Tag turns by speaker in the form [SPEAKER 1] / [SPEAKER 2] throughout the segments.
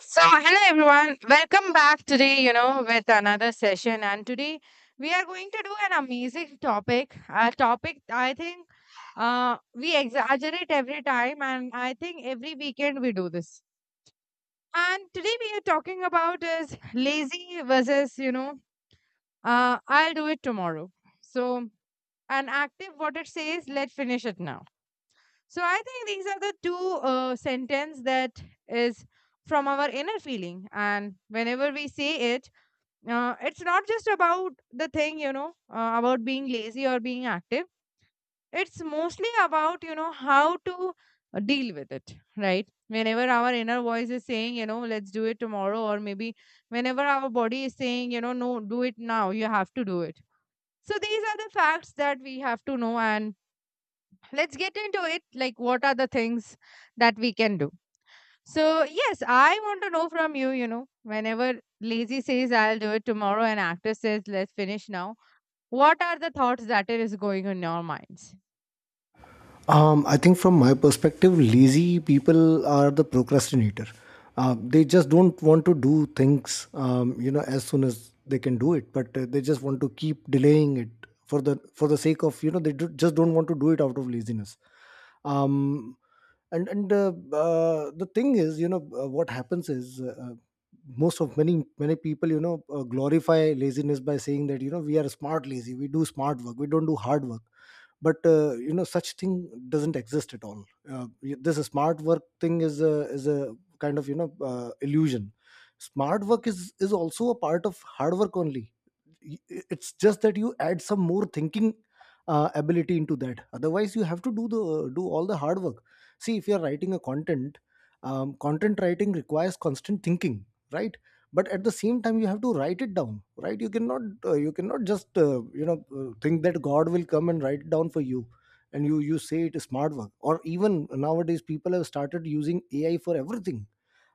[SPEAKER 1] So, hello everyone, welcome back today, with another session. And today we are going to do an amazing topic, a topic I think we exaggerate every time, and I think every weekend we do this. And today we are talking about is lazy versus, I'll do it tomorrow. So, an active what it says, let's finish it now. So I think these are the two sentence that is from our inner feeling, and whenever we say it, it's not just about the thing about being lazy or being active. It's mostly about how to deal with it, right? Whenever our inner voice is saying let's do it tomorrow, or maybe whenever our body is saying no, do it now, you have to do it. So these are the facts that we have to know, and let's get into it, like what are the things that we can do, so yes, I want to know from you, you know whenever lazy says I'll do it tomorrow and actor says let's finish now, what are the thoughts that is going in your minds?
[SPEAKER 2] I think from my perspective, lazy people are the procrastinator. They just don't want to do things, as soon as they can do it, but they just want to keep delaying it for the sake of they do, just don't want to do it out of laziness. Um, and the thing is, what happens is. Most of many people glorify laziness by saying that we are smart lazy, we do smart work, we don't do hard work. But such thing doesn't exist at all. This smart work thing is a kind of illusion. Smart work is also a part of hard work only. y- it's just that you add some more thinking ability into that, otherwise you have to do all the hard work. See, if you're writing a content, content writing requires constant thinking, right? But at the same time you have to write it down, right? You cannot just think that God will come and write it down for you. And you say it is smart work. Or even nowadays people have started using AI for everything.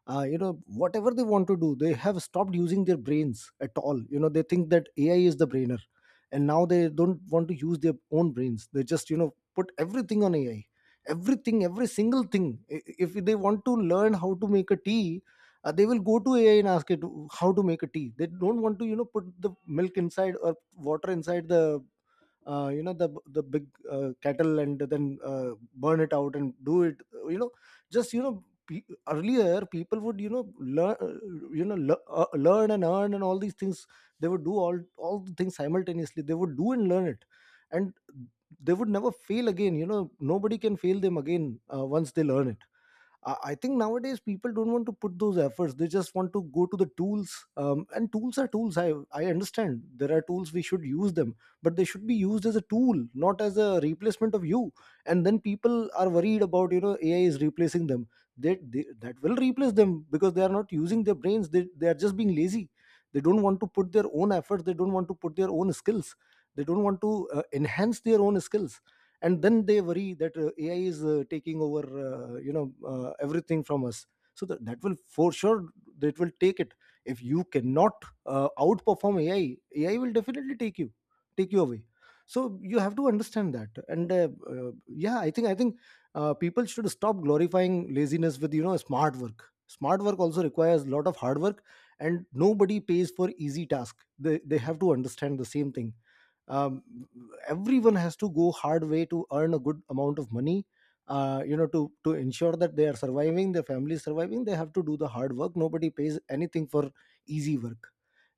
[SPEAKER 2] Whatever they want to do, they have stopped using their brains at all. They think that AI is the brainer, and now they don't want to use their own brains. They just put everything on AI, everything, every single thing. If they want to learn how to make a tea, they will go to AI and ask it how to make a tea. They don't want to put the milk inside or water inside the uh, you know the the big cattle and then burn it out and do it. You know just you know pe- Earlier people would learn, learn and earn and all these things. They would do all the things simultaneously. They would do and learn it. And they would never fail again. Nobody can fail them again once they learn it. I think nowadays people don't want to put those efforts. They just want to go to the tools, and tools are tools. I understand there are tools, we should use them, but they should be used as a tool, not as a replacement of you. And then people are worried about AI is replacing them. They That will replace them because they are not using their brains. They are just being lazy. They don't want to put their own efforts. They don't want to put their own skills. They don't want to enhance their own skills, and then they worry that AI is taking over, uh, you know everything from us. So that will for sure, that will take it. If you cannot outperform AI, AI will definitely take you, take you away. So you have to understand that. And uh, yeah, I think people should stop glorifying laziness with smart work. Smart work also requires a lot of hard work, and nobody pays for easy task. They have to understand the same thing. um, Everyone has to go hard way to earn a good amount of money, to ensure that they are surviving, their family is surviving. They have to do the hard work, nobody pays anything for easy work.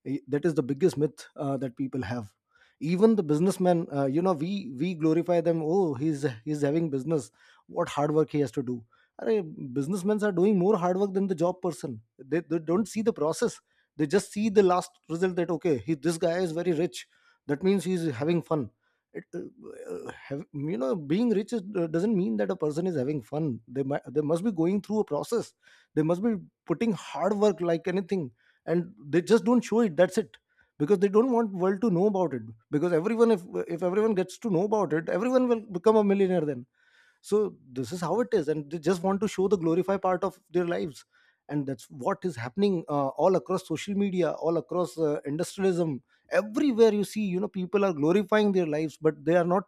[SPEAKER 2] That is the biggest myth that people have. Even the businessman, we glorify them. Oh, he's having business, what hard work he has to do. Arey, businessmen are doing more hard work than the job person. They don't see the process, they just see the last result, that okay, this guy is very rich, that means he's having fun. It, have, you know Being rich doesn't mean that a person is having fun. They must be going through a process. They must be putting hard work like anything, and they just don't show it, that's it. Because they don't want world to know about it, because everyone, if everyone gets to know about it, everyone will become a millionaire then. So this is how it is, and they just want to show the glorify part of their lives. And that's what is happening, all across social media, all across industrialism. Everywhere you see, people are glorifying their lives but they are not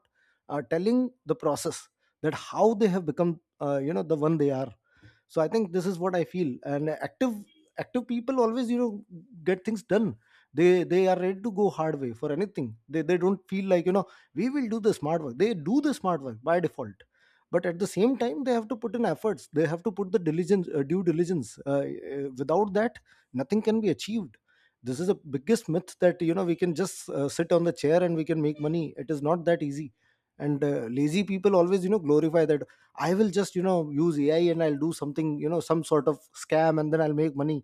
[SPEAKER 2] telling the process, that how they have become the one they are. So I think this is what I feel. And active people always get things done. They are ready to go hard way for anything. They don't feel like we will do the smart work. They do the smart work by default, but at the same time they have to put in efforts. They have to put the diligence, due diligence. Without that, nothing can be achieved. This is the biggest myth that we can just sit on the chair and we can make money. It is not that easy. And lazy people always glorify that. I will just use AI and I'll do something, some sort of scam, and then I'll make money.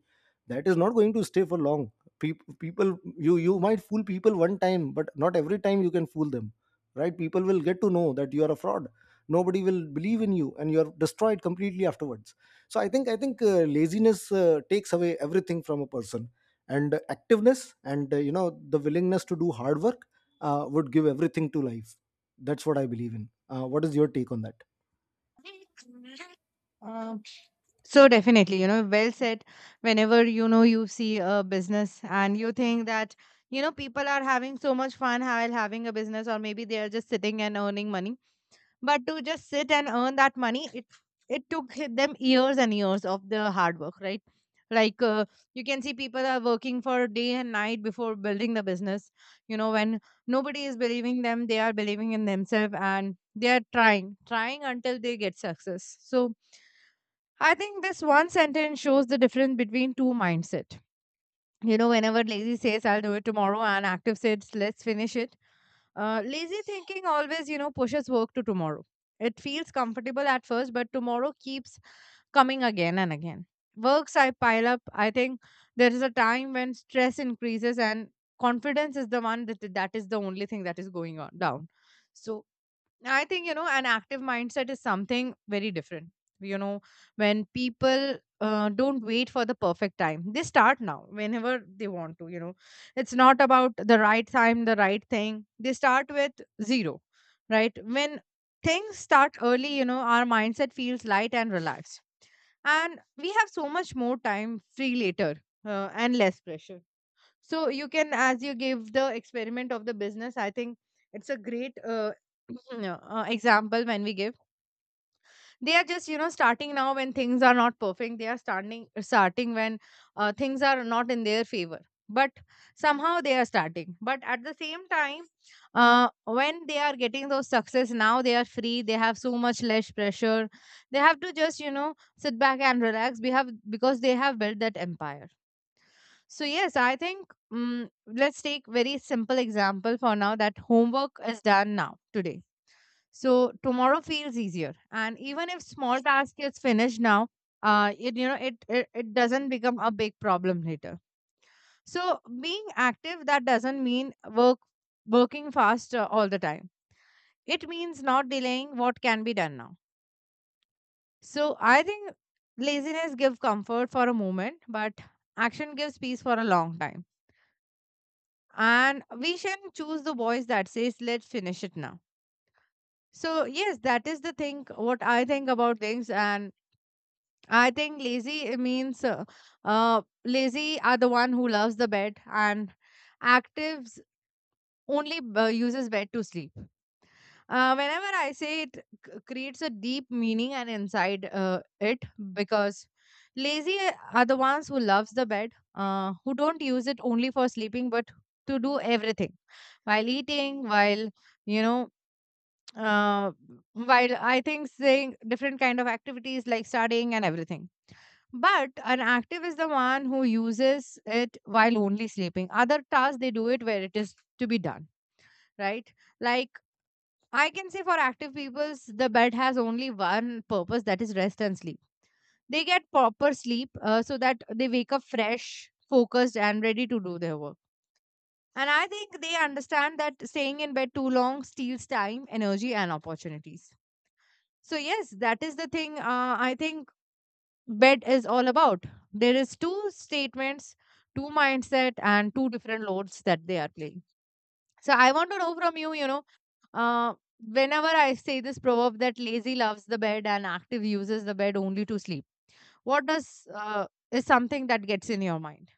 [SPEAKER 2] That is not going to stay for long. People, you might fool people one time, but not every time you can fool them. Right, people will get to know that you are a fraud. Nobody will believe in you, and you're destroyed completely afterwards. So I think laziness takes away everything from a person. And activeness and the willingness to do hard work would give everything to life. That's what I believe in. What is your take on that?
[SPEAKER 1] So definitely, well said. Whenever you see a business and you think that people are having so much fun while having a business, or maybe they are just sitting and earning money. But to just sit and earn that money, it took them years and years of the hard work, right? Like you can see people are working for day and night before building the business. You know, when nobody is believing them, they are believing in themselves and they are trying until they get success. So I think this one sentence shows the difference between two mindset. You know, whenever lazy says I'll do it tomorrow and active says let's finish it, lazy thinking always, you know, pushes work to tomorrow. It feels comfortable at first, but tomorrow keeps coming again and again. Works I pile up. I think there is a time when stress increases and confidence is the one that is the only thing that is going on down. So I think, you know, an active mindset is something very different. You know, when people don't wait for the perfect time, they start now whenever they want to. You know, it's not about the right time, the right thing. They start with zero, right? When things start early, you know, our mindset feels light and relaxed. And we have so much more time free later and less pressure. So you can, as you give the experiment of the business, I think it's a great example. When we give, they are just, you know, starting now when things are not perfect. They are starting when things are not in their favor, but somehow they are starting. But at the same time, when they are getting those success now, they are free, they have so much less pressure. They have to just, you know, sit back and relax. We have, because they have built that empire. So yes, I think let's take very simple example for now, that homework is done now today. So tomorrow feels easier, and even if small task is finished now, it, you know it, it it doesn't become a big problem later. So being active, that doesn't mean working fast all the time. It means not delaying what can be done now. So I think laziness gives comfort for a moment, but action gives peace for a long time. And we can choose the voice that says let's finish it now. So yes, that is the thing what I think about things. And I think lazy, it means lazy are the one who loves the bed, and actives only uses bed to sleep. Whenever I say it, creates a deep meaning and inside it, because lazy are the ones who loves the bed, who don't use it only for sleeping but to do everything, while eating, while, you know, uh, while I think saying different kind of activities like studying and everything. But an active is the one who uses it while only sleeping. Other tasks they do it where it is to be done, right? Like I can say for active peoples, the bed has only one purpose, that is rest and sleep. They get proper sleep so that they wake up fresh, focused, and ready to do their work. And I think they understand that staying in bed too long steals time, energy, and opportunities. So, yes, that is the thing I think bed is all about. There is two statements, two mindset, and two different loads that they are playing. So I want to know from you, you know, uh, whenever I say this proverb that lazy loves the bed and active uses the bed only to sleep, what does is something that gets in your mind?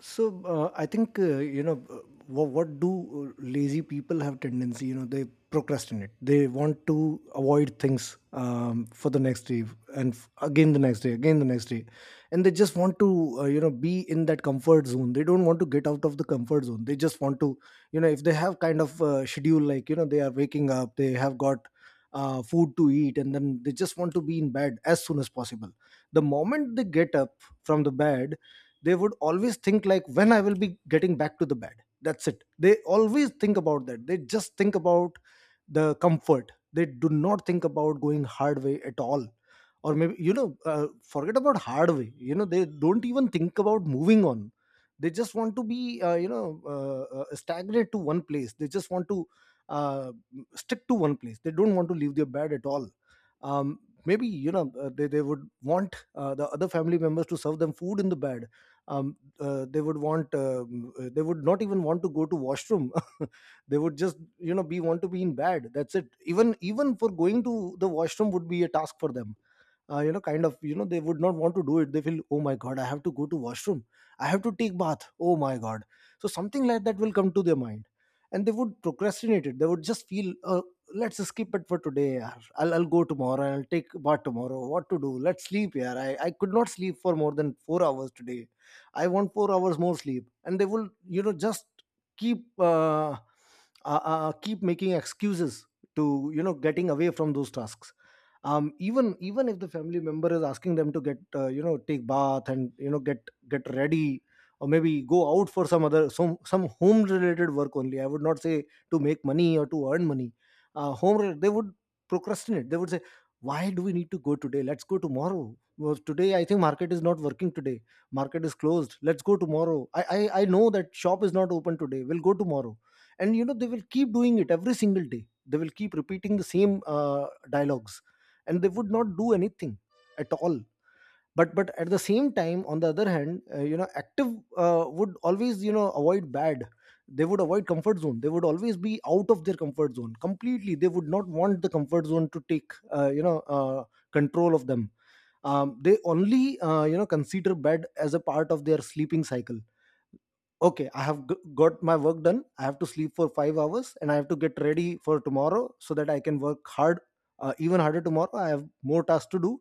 [SPEAKER 2] So I think what do lazy people have tendency? You know they procrastinate. They want to avoid things, for the next day and again the next day, again the next day, and they just want to be in that comfort zone. They don't want to get out of the comfort zone. They just want to, if they have kind of schedule, like they are waking up, they have got food to eat, and then they just want to be in bed as soon as possible. The moment they get up from the bed, they would always think like, when I will be getting back to the bed? That's it. They always think about that. They just think about the comfort. They do not think about going hard way at all. Or maybe forget about hard way, they don't even think about moving on. They just want to be stagnate to one place. They just want to uh, stick to one place. They don't want to leave their bed at all. um, Maybe they would want the other family members to serve them food in the bed. They would want, they would not even want to go to washroom. They would just be, want to be in bed, that's it. Even for going to the washroom would be a task for them. Kind of they would not want to do it. They feel, oh my god, I have to go to washroom, I have to take bath, oh my god. So something like that will come to their mind, and they would procrastinate it. They would just feel, let's skip it for today, yaar. I'll go tomorrow. I'll take bath tomorrow. What to do? Let's sleep here. I could not sleep for more than 4 hours today. I want 4 hours more sleep. And they will, you know, just keep uh, keep making excuses to, you know, getting away from those tasks. Even if the family member is asking them to get you know, take bath and, you know, get ready. Or maybe go out for some other, some home related work only. I would not say to make money or to earn money. They would procrastinate. They would say, why do we need to go today? Let's go tomorrow. Well, today I think market is not working today. Market is closed. Let's go tomorrow. I know that shop is not open today. We'll go tomorrow. And, you know, they will keep doing it every single day. They will keep repeating the same dialogues. And they would not do anything at all. But at the same time, on the other hand, you know, active would always, you know, avoid bad. They would avoid comfort zone. They would always be out of their comfort zone completely. They would not want the comfort zone to take uh, you know uh, control of them. They only you know, consider bed as a part of their sleeping cycle. Okay, I have got my work done. I have to sleep for 5 hours and I have to get ready for tomorrow so that I can work hard, even harder tomorrow. I have more tasks to do.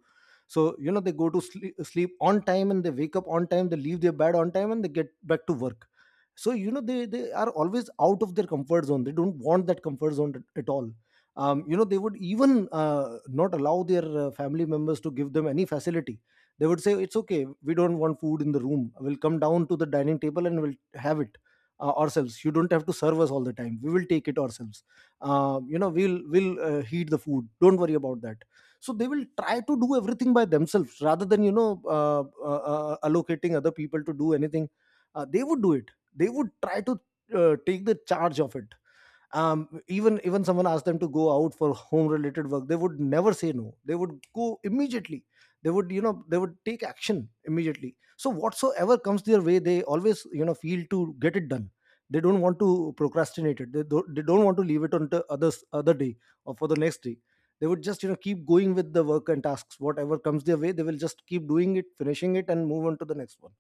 [SPEAKER 2] So, you know, they go to sleep on time, and they wake up on time. They leave their bed on time and they get back to work. So, you know, they are always out of their comfort zone. They don't want that comfort zone at all. You know, they would even not allow their family members to give them any facility. They would say, it's okay, we don't want food in the room. We'll come down to the dining table and we'll have it ourselves. You don't have to serve us all the time. We will take it ourselves. You know, we'll heat the food, don't worry about that. So they will try to do everything by themselves rather than, you know, uh, allocating other people to do anything. They would do it. They would try to take the charge of it. Even someone asked them to go out for home related work, they would never say no. They would go immediately. They would, you know, they would take action immediately. So whatsoever comes their way, they always, you know, feel to get it done. They don't want to procrastinate it. They don't want to leave it on to others other day, or for the next day. They would just, you know, keep going with the work and tasks. Whatever comes their way, they will just keep doing it, finishing it, and move on to the next one.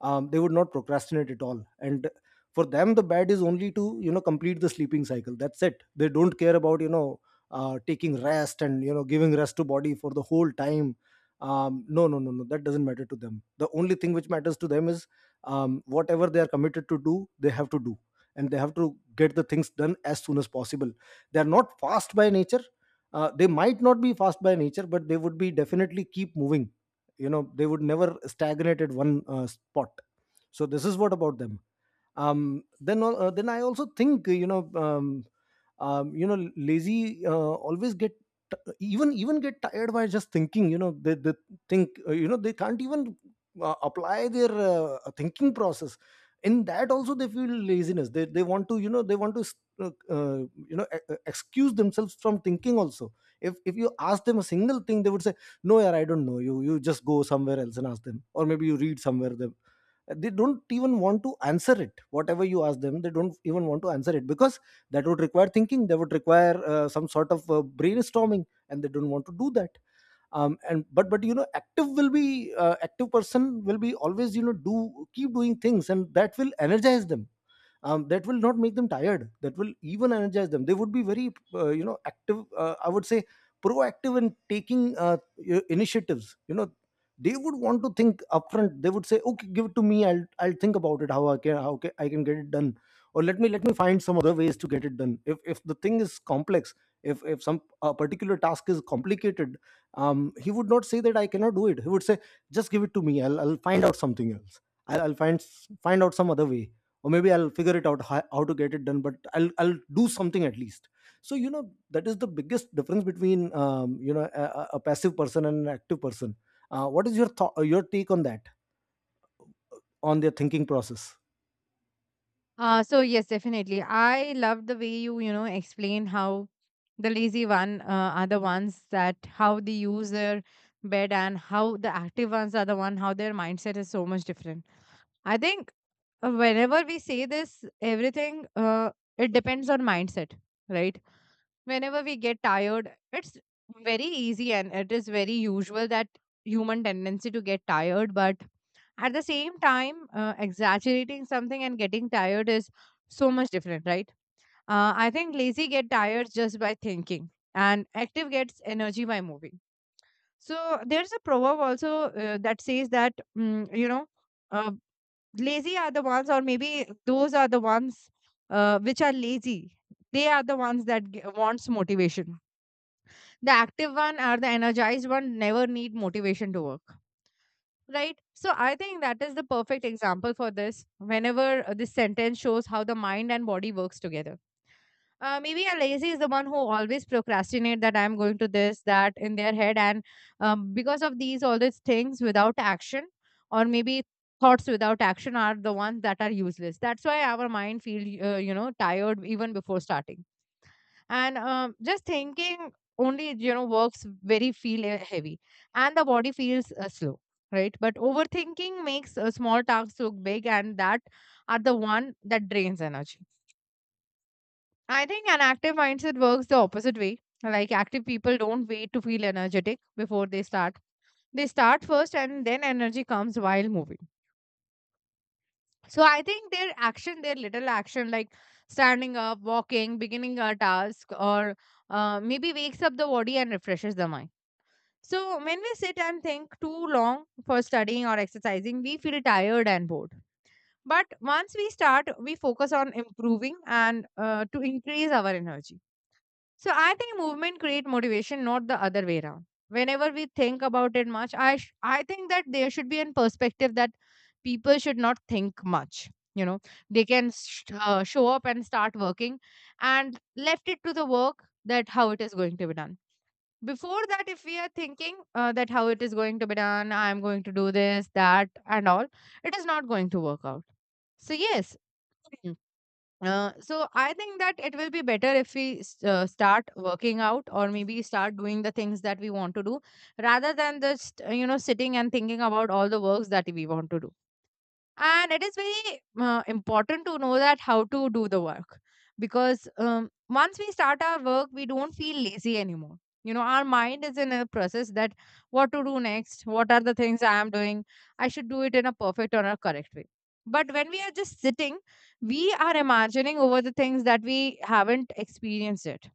[SPEAKER 2] They would not procrastinate at all. And for them, the bed is only to, you know, complete the sleeping cycle. That's it. They don't care about, you know, taking rest and, you know, giving rest to body for the whole time. No, no, no, no, that doesn't matter to them. The only thing which matters to them is, whatever they are committed to do, they have to do. And they have to get the things done as soon as possible. They are not fast by nature. They might not be fast by nature, but they would be definitely keep moving. You know, they would never stagnate at one spot. So this is what about them. Then I also think, you know, you know, lazy always even get tired by just thinking. You know, they think, you know, they can't even apply their thinking process. In that also they feel laziness. They want to, you know, they want to uh, uh, excuse themselves from thinking also. If you ask them a single thing, they would say, no, yeah, I don't know, you just go somewhere else and ask them, or maybe you read somewhere them. They don't even want to answer it. Whatever you ask them, they don't even want to answer it, because that would require thinking, that would require some sort of brainstorming, and they don't want to do that. And but, you know, active will be active person will be always, you know, do keep doing things, and that will energize them. That will not make them tired, that will even energize them. They would be very you know, active, I would say, proactive in taking initiatives, you know. They would want to think upfront. They would say, okay, give it to me, I'll think about it, how I can, I can get it done. Or let me find some other ways to get it done. If the thing is complex, if some a particular task is complicated, he would not say that I cannot do it. He would say, just give it to me, I'll find out something else. I'll find out some other way. Or maybe I'll figure it out, how to get it done, but I'll do something at least. So, you know, that is the biggest difference between, you know, a passive person and an active person. What is your thought, your take on that, on their thinking process?
[SPEAKER 1] So yes, definitely. I love the way you, you know, explain how the lazy one are the ones that how they use their bed, and how the active ones are the one how their mindset is so much different. I think whenever we say this, everything it depends on mindset, right? Whenever we get tired, it's very easy and it is very usual that human tendency to get tired. But at the same time, exaggerating something and getting tired is so much different, right? I think lazy get tired just by thinking, and active gets energy by moving. So there's a proverb also that says that you know, uh, lazy are the ones, or maybe those are the ones which are lazy. They are the ones that wants motivation. The active one or the energized one never need motivation to work, right? So I think that is the perfect example for this. Whenever this sentence shows how the mind and body works together. Uh, maybe a lazy is the one who always procrastinate, that I'm going to this that in their head, and because of these all these things without action, or maybe thoughts without action are the ones that are useless. That's why our mind feel you know, tired even before starting. And just thinking only, you know, works very feel heavy, and the body feels slow, right? But overthinking makes small tasks look big, and that are the one that drains energy. I think an active mindset works the opposite way. Like active people don't wait to feel energetic before they start. They start first, and then energy comes while moving. So I think their action, their little action, like standing up, walking, beginning a task, or maybe wakes up the body and refreshes the mind. So, when we sit and think too long for studying or exercising, we feel tired and bored. But once we start, we focus on improving and to increase our energy. So, I think movement create motivation, not the other way around. Whenever we think about it much, I think that there should be a perspective that people should not think much. You know, they can show up and start working, and left it to the work that how it is going to be done. Before that, if we are thinking that how it is going to be done, I'm going to do this, that, and all, it is not going to work out. So, yes. So I think that it will be better if we start working out or maybe start doing the things that we want to do, rather than just you know, sitting and thinking about all the works that we want to do. And it is very important to know that how to do the work, because once we start our work we don't feel lazy anymore. You know, our mind is in a process that what to do next, what are the things I am doing, I should do it in a perfect or a correct way. But when we are just sitting, we are imagining over the things that we haven't experienced yet.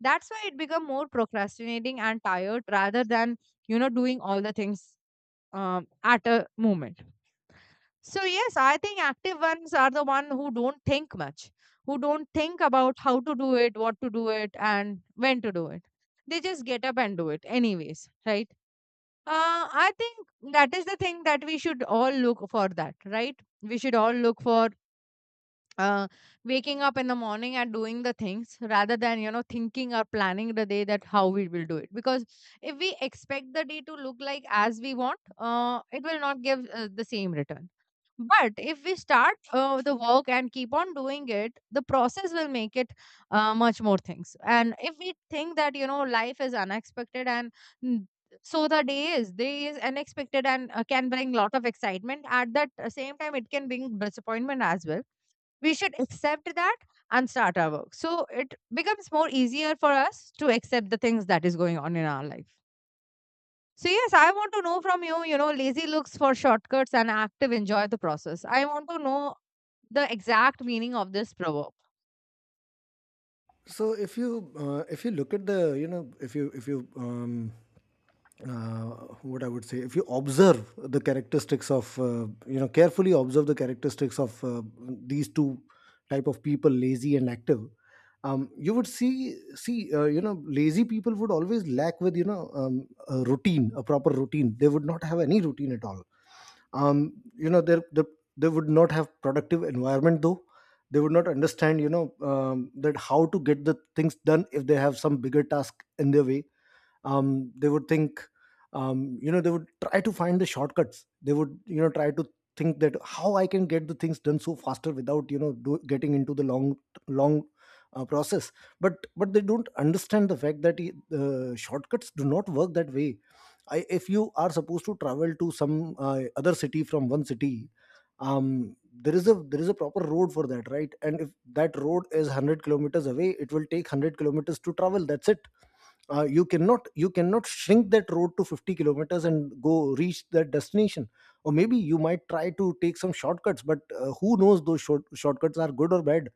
[SPEAKER 1] That's why it become more procrastinating and tired rather than, you know, doing all the things at a moment. So yes, I think active ones are the one who don't think much, who don't think about how to do it, what to do it, and when to do it. They just get up and do it anyways, right? I think that is the thing that we should all look for that, right? We should all look for uh, waking up in the morning and doing the things rather than, you know, thinking or planning the day that how we will do it. Because if we expect the day to look like as we want, it will not give the same return, but if we start the work and keep on doing it, the process will make it much more things. And if we think that you know life is unexpected and mm, so the day is unexpected and can bring lot of excitement. At that same time, it can bring disappointment as well. We should accept that and start our work. So it becomes more easier for us to accept the things that is going on in our life. So yes, I want to know from you, you know, lazy looks for shortcuts and active enjoy the process. I want to know the exact meaning of this proverb.
[SPEAKER 2] If you look at the, you know, if you uh, what I would say, if you observe the characteristics of, you know, carefully observe the characteristics of these two type of people, lazy and active, you would see, you know, lazy people would always lack with, you know, a routine, a proper routine. They would not have any routine at all. You know, they would not have productive environment though. They would not understand, you know, that how to get the things done if they have some bigger task in their way. They would think, you know, they would try to find the shortcuts. They would, you know, try to think that how I can get the things done so faster, without, you know, getting into the long process. But they don't understand the fact that, shortcuts do not work that way. If you are supposed to travel to some other city from one city, there is a proper road for that, right? And if that road is 100 kilometers away, it will take 100 kilometers to travel, that's it. You cannot shrink that road to 50 kilometers and go reach that destination. Or maybe you might try to take some shortcuts, but who knows those shortcuts are good or bad,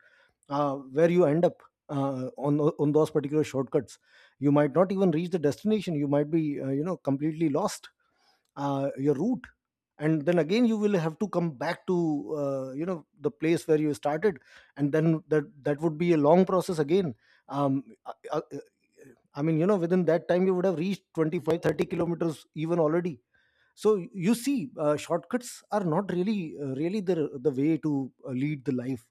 [SPEAKER 2] where you end up, on those particular shortcuts. You might not even reach the destination. You might be you know, completely lost, your route. And then again you will have to come back to, you know, the place where you started. And then that would be a long process again. um, I, I, I mean, you know, within that time you would have reached 25 30 kilometers even already. So you see, shortcuts are not really, really the way to lead the life.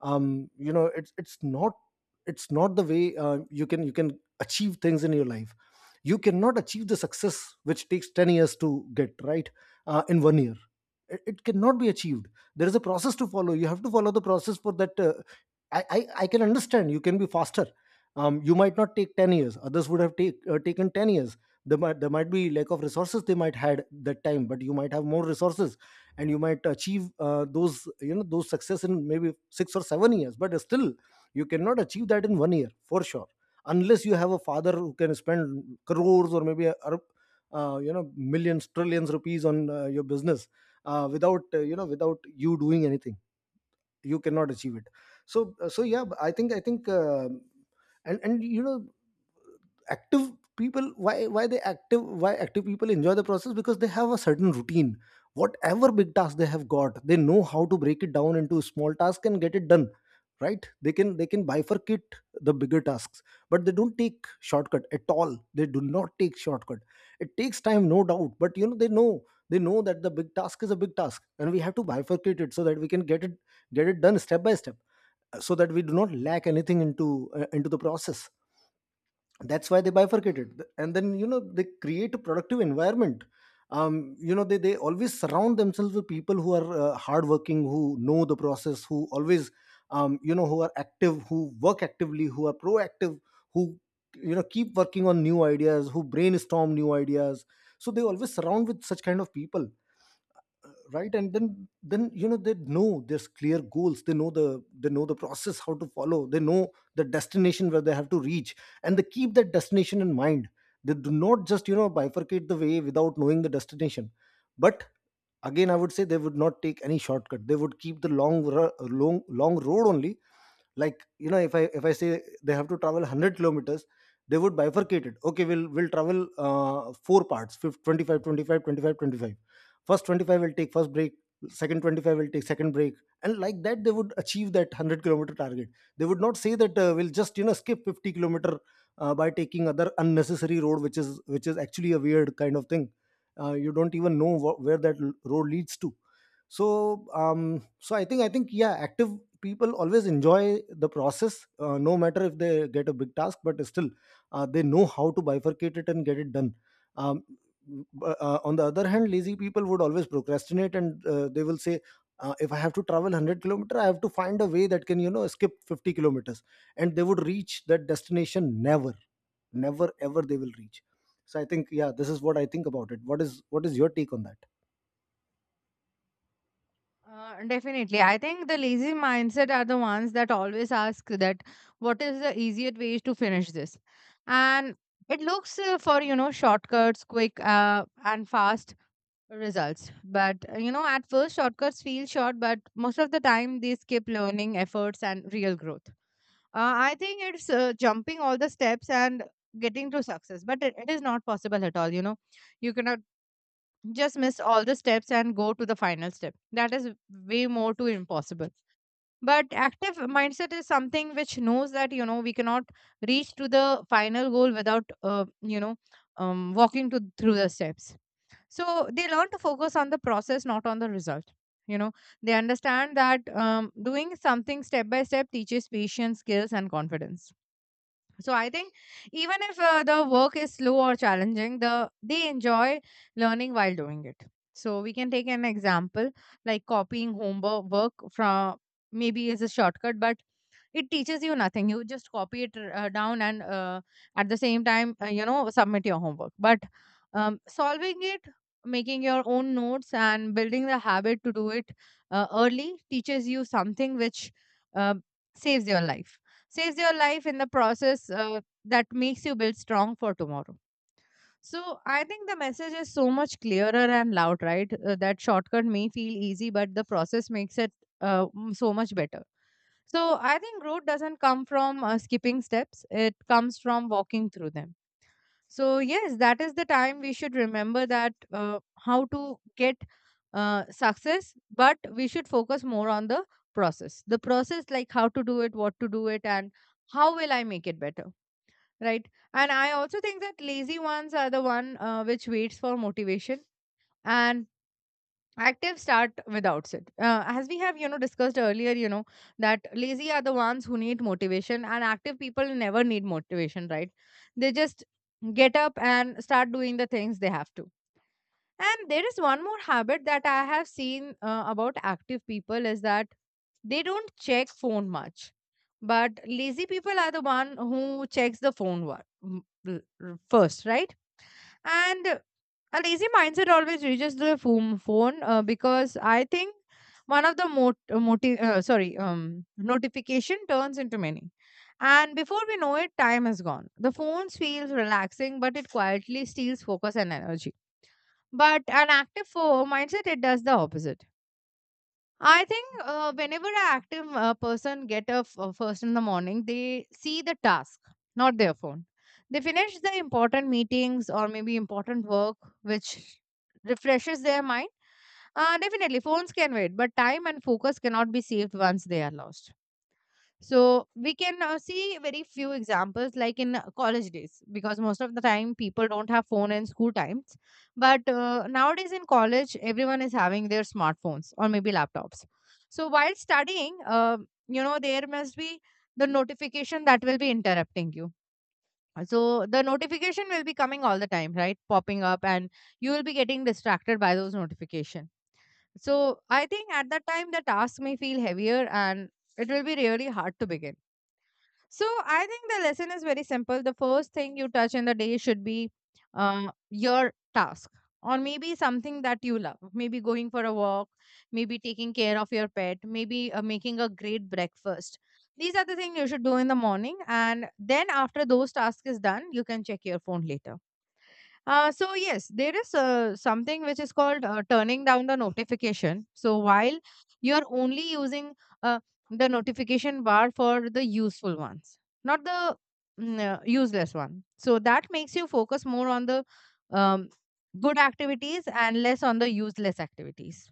[SPEAKER 2] You know, it's not the way you can achieve things in your life. You cannot achieve the success which takes 10 years to get, right, in one year. It cannot be achieved. There is a process to follow. You have to follow the process for that. I can understand, you can be faster. You might not take 10 years, others would have taken 10 years. There might be lack of resources. They might had that time, but you might have more resources. And you might achieve those, you know, those success in maybe 6 or 7 years. But still you cannot achieve that in one year for sure, unless you have a father who can spend crores, or maybe you know, millions trillions rupees on your business, without, you know, without you doing anything. You cannot achieve it. So, yeah, I think, and you know, active people, why they active, why active people enjoy the process? Because they have a certain routine. Whatever big task they have got, they know how to break it down into small tasks and get it done, right? They can bifurcate the bigger tasks. But they don't take shortcut at all. They do not take shortcut. It takes time, no doubt, but you know, they know that the big task is a big task, and we have to bifurcate it so that we can get it done step by step, so that we do not lack anything into, into the process. That's why they bifurcated. And then, you know, they create a productive environment. You know, they always surround themselves with people who are hardworking, who know the process, who always, you know, who are active, who work actively, who are proactive, who, you know, keep working on new ideas, who brainstorm new ideas. So they always surround with such kind of people, right? And then, you know, they know there's clear goals. They know the, process how to follow. They know the destination where they have to reach. And they keep that destination in mind. They do not just, you know, bifurcate the way without knowing the destination. But again, I would say they would not take any shortcut. They would keep the long ru- long long road only. Like, you know, if I say they have to travel 100 kilometers, they would bifurcate it. Okay, we'll travel four parts, 25, 25, 25, 25. First 25 will take first break, second 25 will take second break, and like that they would achieve that 100-kilometer target. They would not say that, we'll just, you know, skip 50 kilometer by taking other unnecessary road, which is actually a weird kind of thing. You don't even know where that road leads to. So, I think, yeah, active people always enjoy the process, no matter if they get a big task, but still, they know how to bifurcate it and get it done. um, b- on the other hand, lazy people would always procrastinate, and they will say, if I have to travel 100 kilometer, I have to find a way that can, you know, skip 50 kilometers. And they would reach that destination never. Never ever they will reach. So I think, yeah, this is what I think about it. What is your take on that?
[SPEAKER 1] Definitely. I think the lazy mindset are the ones that always ask that what is the easiest way to finish this. And it looks for, you know, shortcuts, quick and fast results. But, you know, at first shortcuts feel short, but most of the time they skip learning efforts and real growth. I think it's jumping all the steps and getting to success, but it is not possible at all. You know, you cannot just miss all the steps and go to the final step. That is way more too impossible. But active mindset is something which knows that you know we cannot reach to the final goal without you know walking to through the steps. So they learn to focus on the process, not on the result. You know, they understand that doing something step by step teaches patience, skills, and confidence. So I think even if the work is slow or challenging, they enjoy learning while doing it. So we can take an example like copying homework work from maybe is a shortcut, but it teaches you nothing. You just copy it down and at the same time you know submit your homework. But solving it, making your own notes and building the habit to do it early teaches you something which uh, saves your life, saves your life in the process, that makes you build strong for tomorrow. So I think the message is so much clearer and loud, right? That shortcut may feel easy, but the process makes it so much better. So I think growth doesn't come from skipping steps, it comes from walking through them. So, yes, that is the time we should remember that how to get success, but we should focus more on the process. The process, like how to do it, what to do it, and how will I make it better, right? And I also think that lazy ones are the one which waits for motivation, and active start without it, as we have you know discussed earlier, you know that lazy are the ones who need motivation and active people never need motivation, right? They just get up and start doing the things they have to. And there is one more habit that I have seen about active people, is that they don't check phone much. But lazy people are the one who checks the phone first, right? And a lazy mindset always reaches the phone because I think one of the mot- moti- sorry notification turns into many, and before we know it time has gone. The phone feels relaxing, but it quietly steals focus and energy. But an active mindset, it does the opposite. I think whenever an active person get up first in the morning, they see the task, not their phone. They finish the important meetings or maybe important work, which refreshes their mind. Definitely, phones can wait, but time and focus cannot be saved once they are lost. So we can see very few examples like in college days, because most of the time people don't have phone in school times. But nowadays in college, everyone is having their smartphones or maybe laptops. So while studying, you know, there must be the notification that will be interrupting you. So the notification will be coming all the time, right? Popping up, and you will be getting distracted by those notification. So I think at that time the task may feel heavier and it will be really hard to begin. So I think the lesson is very simple. The first thing you touch in the day should be your task or maybe something that you love. Maybe going for a walk, maybe taking care of your pet, maybe making a great breakfast. These are the things you should do in the morning. And then after those tasks is done, you can check your phone later. So yes, there is something which is called turning down the notification. So while you are only using uh, the notification bar for the useful ones, not the useless one. So that makes you focus more on the um, good activities and less on the useless activities.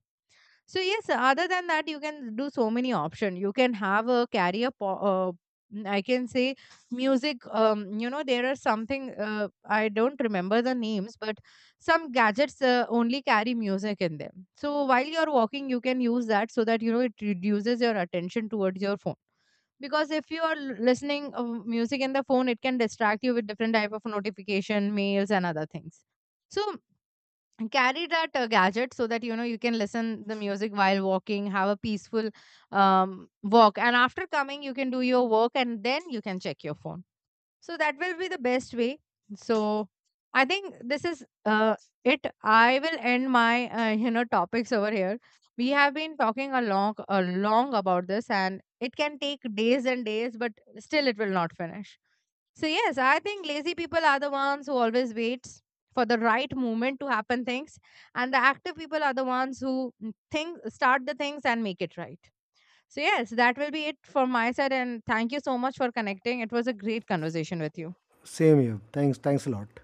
[SPEAKER 1] So yes, other than that, you can do so many options. You can have a career. I can say music. You know, there are something. I don't remember the names, but some gadgets only carry music in them. So while you're walking, you can use that so that you know it reduces your attention towards your phone. Because if you are listening music in the phone, it can distract you with different type of notification, mails, and other things. So and carry that gadget so that you know you can listen the music while walking, have a peaceful um, walk, and after coming you can do your work and then you can check your phone, so that will be the best way. So I think this is it. I will end my you know topics over here. We have been talking a long about this, and it can take days and days, but still it will not finish. So yes, I think lazy people are the ones who always waits for the right moment to happen things, and the active people are the ones who think start the things and make it right. So, yes, that will be it from my side. And thank you so much for connecting. It was a great conversation with you.
[SPEAKER 2] Same here, thanks, thanks a lot.